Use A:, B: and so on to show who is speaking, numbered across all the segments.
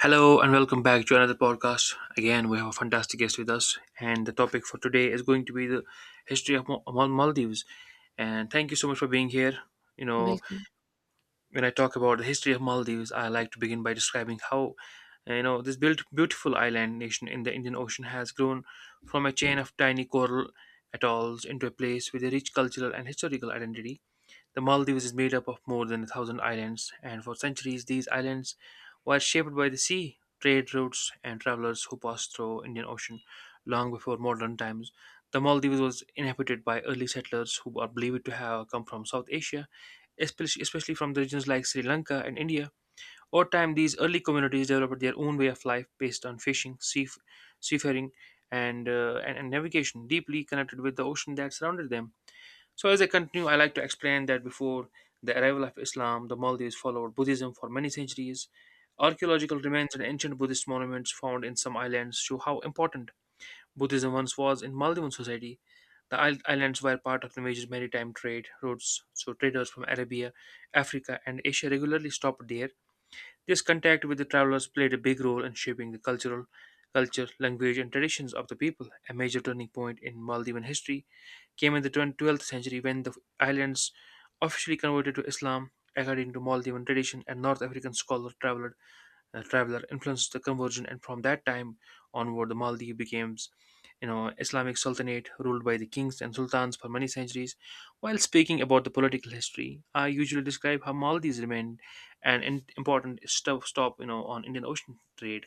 A: Hello and welcome back to another podcast. Again, we have a fantastic guest with us, and the topic for today is going to be the history of Maldives. And thank you so much for being here. You know,
B: Welcome.
A: when I talk about the history of Maldives, I like to begin by describing how this built beautiful island nation in the Indian Ocean has grown from a chain of tiny coral atolls into a place with a rich cultural and historical identity. The Maldives is made up of more than 1,000 islands, and for centuries these islands were shaped by the sea, trade routes, and travelers who passed through Indian Ocean long before modern times. The Maldives was inhabited by early settlers who are believed to have come from South Asia, especially from the regions like Sri Lanka and India. Over time, these early communities developed their own way of life based on fishing, seafaring, and navigation, deeply connected with the ocean that surrounded them. So, as I continue, I like to explain that before the arrival of Islam, the Maldives followed Buddhism for many centuries. Archaeological remains and ancient Buddhist monuments found in some islands show how important Buddhism once was in Maldivian society. The islands were part of the major maritime trade routes, so traders from Arabia, Africa, and Asia regularly stopped there. This contact with the travelers played a big role in shaping the cultural culture, language, and traditions of the people. A major turning point in Maldivian history came in the 12th century when the islands officially converted to Islam. According to Maldivian tradition, a North African scholar traveler traveler influenced the conversion, and from that time onward, the Maldives became, Islamic sultanate ruled by the kings and sultans for many centuries. While speaking about the political history, I usually describe how Maldives remained an important stop on Indian Ocean trade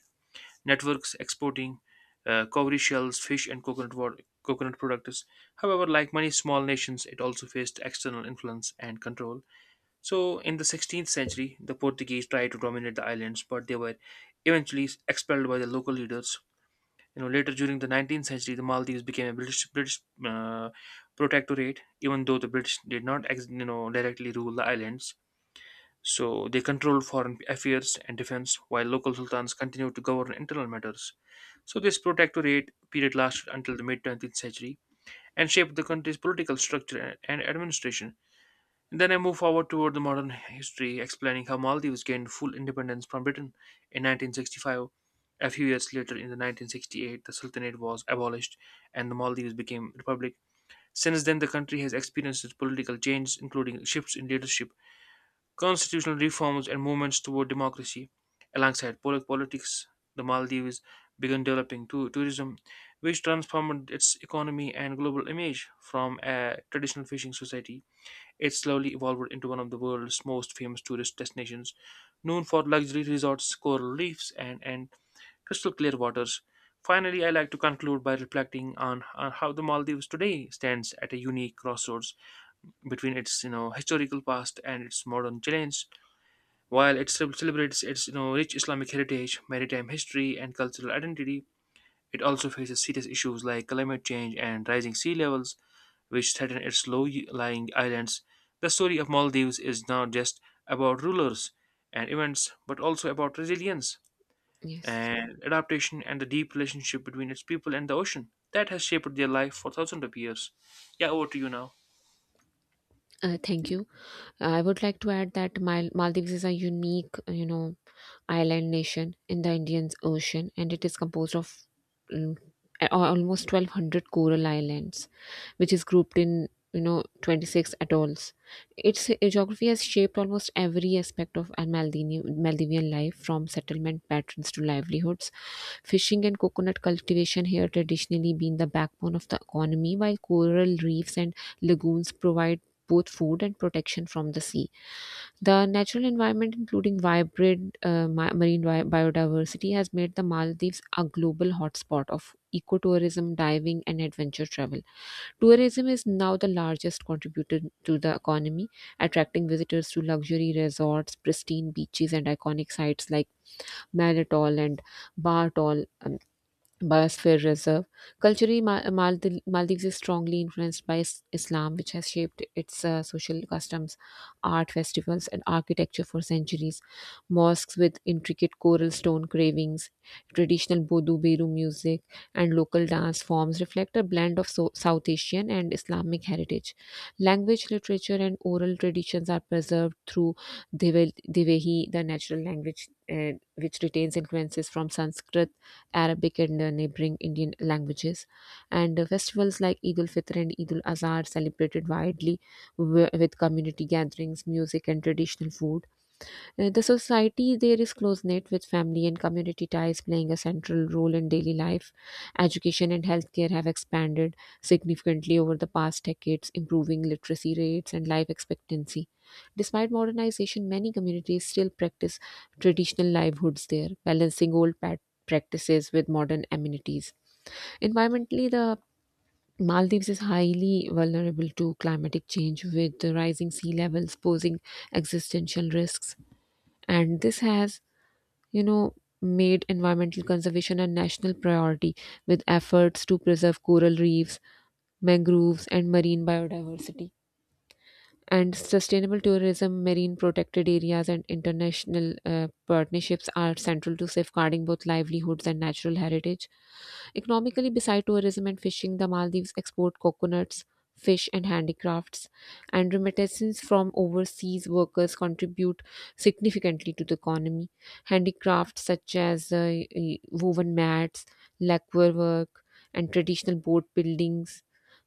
A: networks exporting cowrie shells, fish, and coconut products. However, like many small nations, it also faced external influence and control. So, in the 16th century, the Portuguese tried to dominate the islands, but they were eventually expelled by the local leaders. You know, later during the 19th century, the Maldives became a British uh, protectorate, even though the British did not directly rule the islands. So they controlled foreign affairs and defense, while local sultans continued to govern internal matters. So this protectorate period lasted until the mid-20th century and shaped the country's political structure and administration. Then I move forward toward the modern history, explaining how Maldives gained full independence from Britain in 1965. A few years later, in the 1968, the Sultanate was abolished and the Maldives became a republic. Since then, the country has experienced political changes, including shifts in leadership, constitutional reforms, and movements toward democracy. Alongside politics, the Maldives began developing tourism, which transformed its economy and global image. From a traditional fishing society, it slowly evolved into one of the world's most famous tourist destinations, known for luxury resorts, coral reefs, and crystal clear waters. Finally, I like to conclude by reflecting on how the Maldives today stands at a unique crossroads between its historical past and its modern challenge. While it celebrates its rich Islamic heritage, maritime history, and cultural identity, it also faces serious issues like climate change and rising sea levels, which threaten its low-lying islands. The story of Maldives is not just about rulers and events, but also about resilience
B: Yes.
A: and adaptation, and the deep relationship between its people and the ocean that has shaped their life for thousands of years. Yeah, over to you now.
B: Thank you. I would like to add that Maldives is a unique, you know, island nation in the Indian Ocean, and it is composed of mm, almost 1,200 coral islands, which is grouped in, you know, 26 atolls. Its geography has shaped almost every aspect of a Maldivian life, from settlement patterns to livelihoods. Fishing and coconut cultivation here traditionally been the backbone of the economy, while coral reefs and lagoons provide both food and protection from the sea. The natural environment, including vibrant marine biodiversity, has made the Maldives a global hotspot of ecotourism, diving, and adventure travel. Tourism is now the largest contributor to the economy, attracting visitors to luxury resorts, pristine beaches, and iconic sites like Malatol and Bartol biosphere reserve. Culturally, Maldives is strongly influenced by Islam, which has shaped its social customs, art festivals, and architecture for centuries. Mosques with intricate coral stone cravings, traditional Bodu Beru music, and local dance forms reflect a blend of South Asian and Islamic heritage. Language, literature, and oral traditions are preserved through Devehi, the natural language. Which retains influences from Sanskrit, Arabic, and neighboring Indian languages. And Festivals like Eid al Fitr and Eid al Azhar celebrated widely with community gatherings, music, and traditional food. The society there is close knit, with family and community ties playing a central role in daily life. Education and healthcare have expanded significantly over the past decades, improving literacy rates and life expectancy. Despite modernization, many communities still practice traditional livelihoods there, balancing practices with modern amenities. Environmentally, the Maldives is highly vulnerable to climatic change, with the rising sea levels posing existential risks, and this has, you know, made environmental conservation a national priority, with efforts to preserve coral reefs, mangroves, and marine biodiversity, and sustainable tourism, marine protected areas, and international partnerships are central to safeguarding both livelihoods and natural heritage. Economically, beside tourism and fishing, the Maldives export coconuts, fish, and handicrafts, and remittances from overseas workers contribute significantly to the economy. Handicrafts such as woven mats, lacquer work, and traditional boat buildings.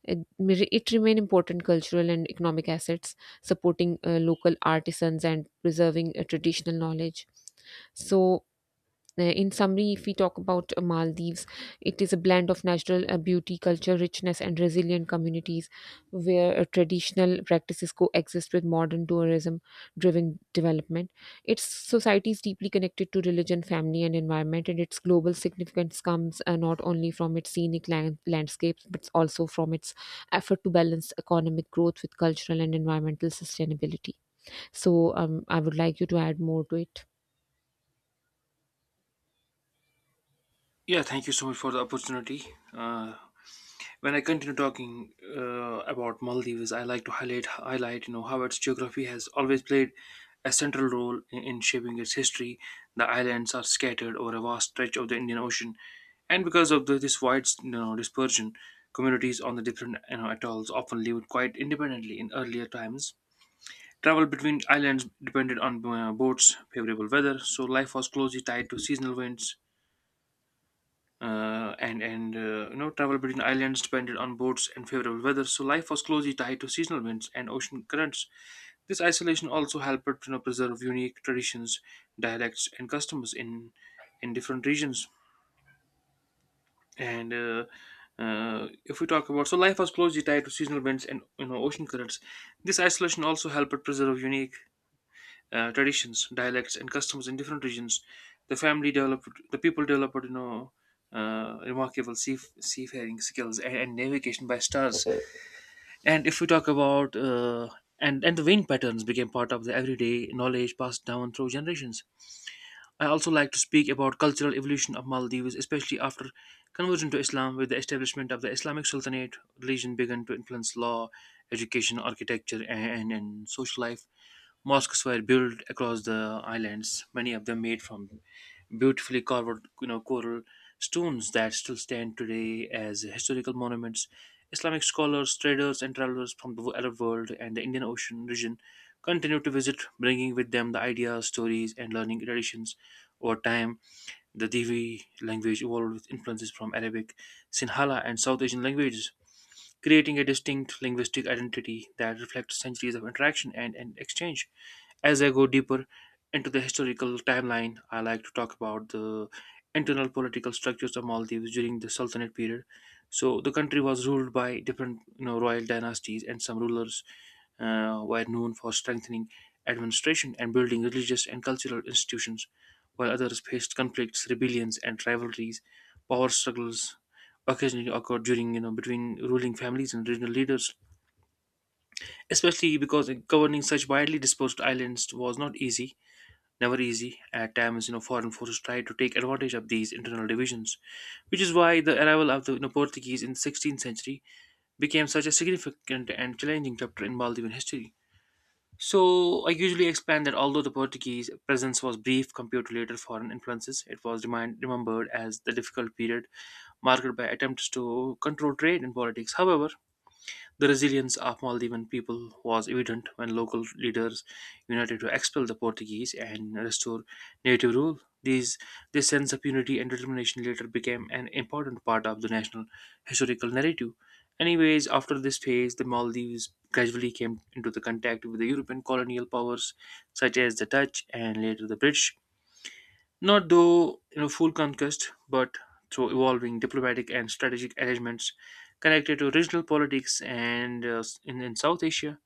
B: It remain important cultural and economic assets, supporting local artisans and preserving traditional knowledge. So, in summary, if we talk about Maldives, it is a blend of natural beauty, culture, richness, and resilient communities, where traditional practices coexist with modern tourism driven development. Its society is deeply connected to religion, family, and environment, and its global significance comes not only from its scenic landscapes but also from its effort to balance economic growth with cultural and environmental sustainability. I would like you to add more to it.
A: Yeah, thank you so much for the opportunity. Uh, When I continue talking about Maldives, I like to highlight how its geography has always played a central role in shaping its history. The islands are scattered over a vast stretch of the Indian Ocean, and because of this wide dispersion, communities on the different atolls often lived quite independently in earlier times. Travel between islands depended on boats, favorable weather, so life was closely tied to seasonal winds and you know travel between islands depended on boats and favorable weather. So life was closely tied to seasonal winds and ocean currents. This isolation also helped to preserve unique traditions, dialects, and customs in different regions. And If we talk about so life was closely tied to seasonal winds and ocean currents, this isolation also helped to preserve unique traditions, dialects, and customs in different regions. The people developed, remarkable seafaring skills and navigation by stars. And if we talk about and The wind patterns became part of the everyday knowledge passed down through generations. I also like to speak about cultural evolution of Maldives, especially after conversion to Islam. With the establishment of the Islamic Sultanate, religion began to influence law, education, architecture, and social life. Mosques were built across the islands, many of them made from beautifully carved coral stones that still stand today as historical monuments. Islamic scholars, traders, and travelers from the Arab world and the Indian Ocean region continue to visit, bringing with them the ideas, stories, and learning traditions. Over time, the Divi language evolved with influences from Arabic, Sinhala, and South Asian languages, creating a distinct linguistic identity that reflects centuries of interaction and exchange. As I go deeper into the historical timeline, I like to talk about the internal political structures of Maldives during the Sultanate period. So the country was ruled by different royal dynasties, and some rulers were known for strengthening administration and building religious and cultural institutions, while others faced conflicts, rebellions, and rivalries. Power struggles occasionally occurred between ruling families and regional leaders, especially because governing such widely dispersed islands was not easy, never easy. At times, you know, foreign forces tried to take advantage of these internal divisions, which is why the arrival of the Portuguese in the 16th century became such a significant and challenging chapter in Maldivian history. So, I usually explain that although the Portuguese presence was brief compared to later foreign influences, it was remembered as the difficult period marked by attempts to control trade and politics. However, the resilience of Maldivian people was evident when local leaders united to expel the Portuguese and restore native rule. This sense of unity and determination later became an important part of the national historical narrative. Anyways, after this phase, the Maldives gradually came into the contact with the European colonial powers such as the Dutch and later the British. Not though, you know, full conquest, but through evolving diplomatic and strategic arrangements connected to regional politics and in South Asia.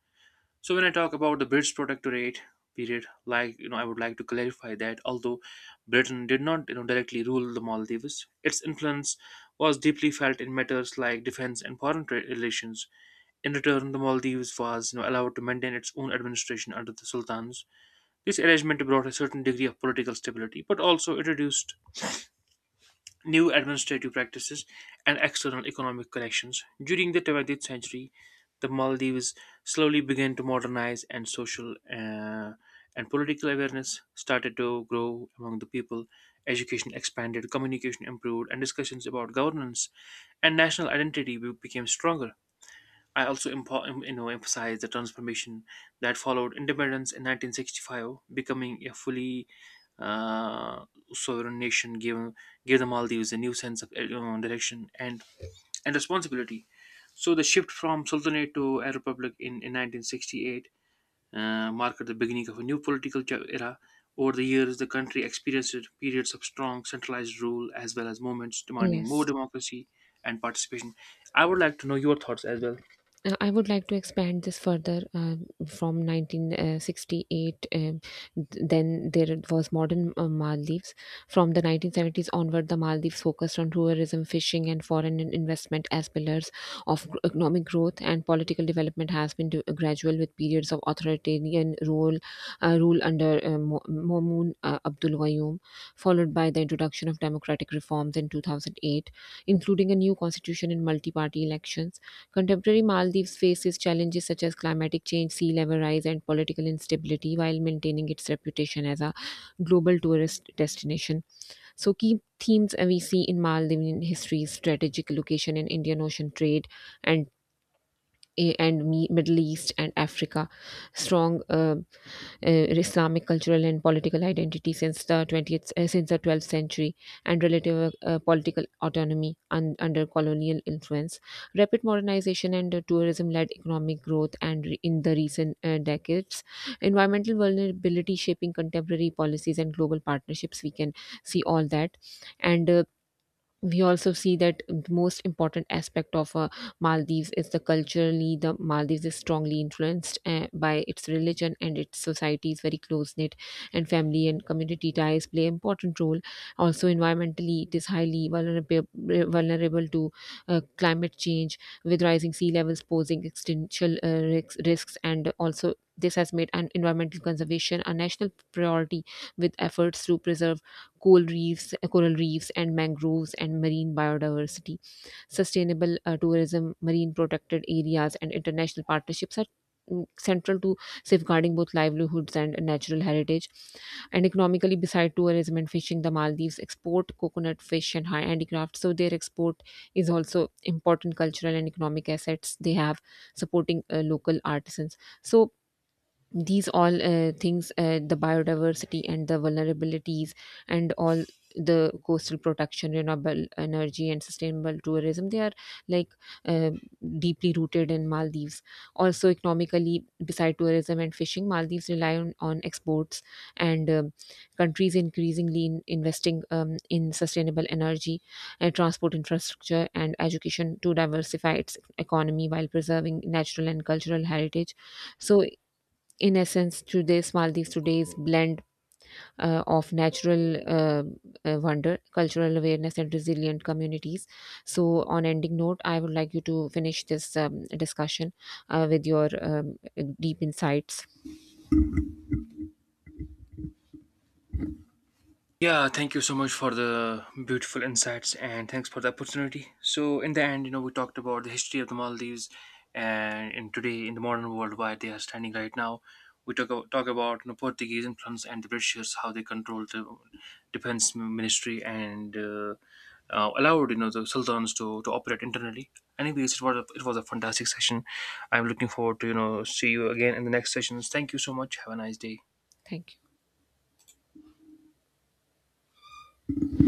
A: So when I talk about the British protectorate period, like you know, I would like to clarify that although Britain did not, you know, directly rule the Maldives, its influence was deeply felt in matters like defense and foreign trade relations. In return, the Maldives was, you know, allowed to maintain its own administration under the sultans. This arrangement brought a certain degree of political stability, but also introduced new administrative practices and external economic connections. During the 20th century, the Maldives slowly began to modernize, and social and political awareness started to grow among the people. Education expanded, communication improved, and discussions about governance and national identity became stronger. I also emphasize the transformation that followed independence in 1965. Becoming a fully uh, sovereign nation gave the Maldives a new sense of direction and responsibility. So the shift from sultanate to a republic in 1968 marked the beginning of a new political era. Over the years, the country experienced periods of strong centralized rule as well as movements demanding more
B: Yes.
A: democracy and participation. I would like to know your thoughts as well.
B: I would like to expand this further from 1968. Then there was modern Maldives. From the 1970s onward, the Maldives focused on tourism, fishing, and foreign investment as pillars of economic growth. And political development has been gradual, with periods of authoritarian rule under Mo- Momun Abdul Gayoom, followed by the introduction of democratic reforms in 2008, including a new constitution and multi-party elections. Contemporary Maldives faces challenges such as climatic change, sea level rise, and political instability while maintaining its reputation as a global tourist destination. So, key themes we see in Maldivian history is strategic location in Indian Ocean trade and Middle East and Africa, strong Islamic cultural and political identity since the 12th century, and relative political autonomy under colonial influence. Rapid modernization and tourism led economic growth and in the recent decades, environmental vulnerability shaping contemporary policies and global partnerships. We can see all that and we also see that the most important aspect of Maldives is, the culturally, the Maldives is strongly influenced by its religion, and its society is very close knit, and family and community ties play important role. Also, environmentally it is highly vulnerable to climate change, with rising sea levels posing existential risks, and also this has made an environmental conservation a national priority, with efforts to preserve coral reefs and mangroves and marine biodiversity. Sustainable tourism, marine protected areas, and international partnerships are, central to safeguarding both livelihoods and natural heritage, and economically, beside tourism and fishing, the maldives export coconut, fish, and high handicrafts, so their export is also important cultural and economic assets they have, supporting local artisans. So these all things, the biodiversity and the vulnerabilities and all, the coastal protection, renewable energy, and sustainable tourism, they are like, uh, deeply rooted in maldives. Also, economically, beside tourism and fishing, maldives rely on exports, and countries increasingly in investing, in sustainable energy, transport infrastructure, and education to diversify its economy while preserving natural and cultural heritage. So, in essence, today's Maldives today's blend of natural wonder, cultural awareness, and resilient communities. So, on ending note, I would like you to finish this discussion with your deep insights.
A: Yeah, thank you so much for the beautiful insights and thanks for the opportunity. So, in the end, you know, we talked about the history of the Maldives and in today in the modern world why they are standing right now. We talk about, you know, Portuguese influence and the Britishers, how they controlled the defense ministry and allowed, you know, the sultans to operate internally. Anyways, it was a fantastic session. I'm looking forward to, you know, see you again in the next sessions. Thank you so much. Have a nice day.
B: Thank you.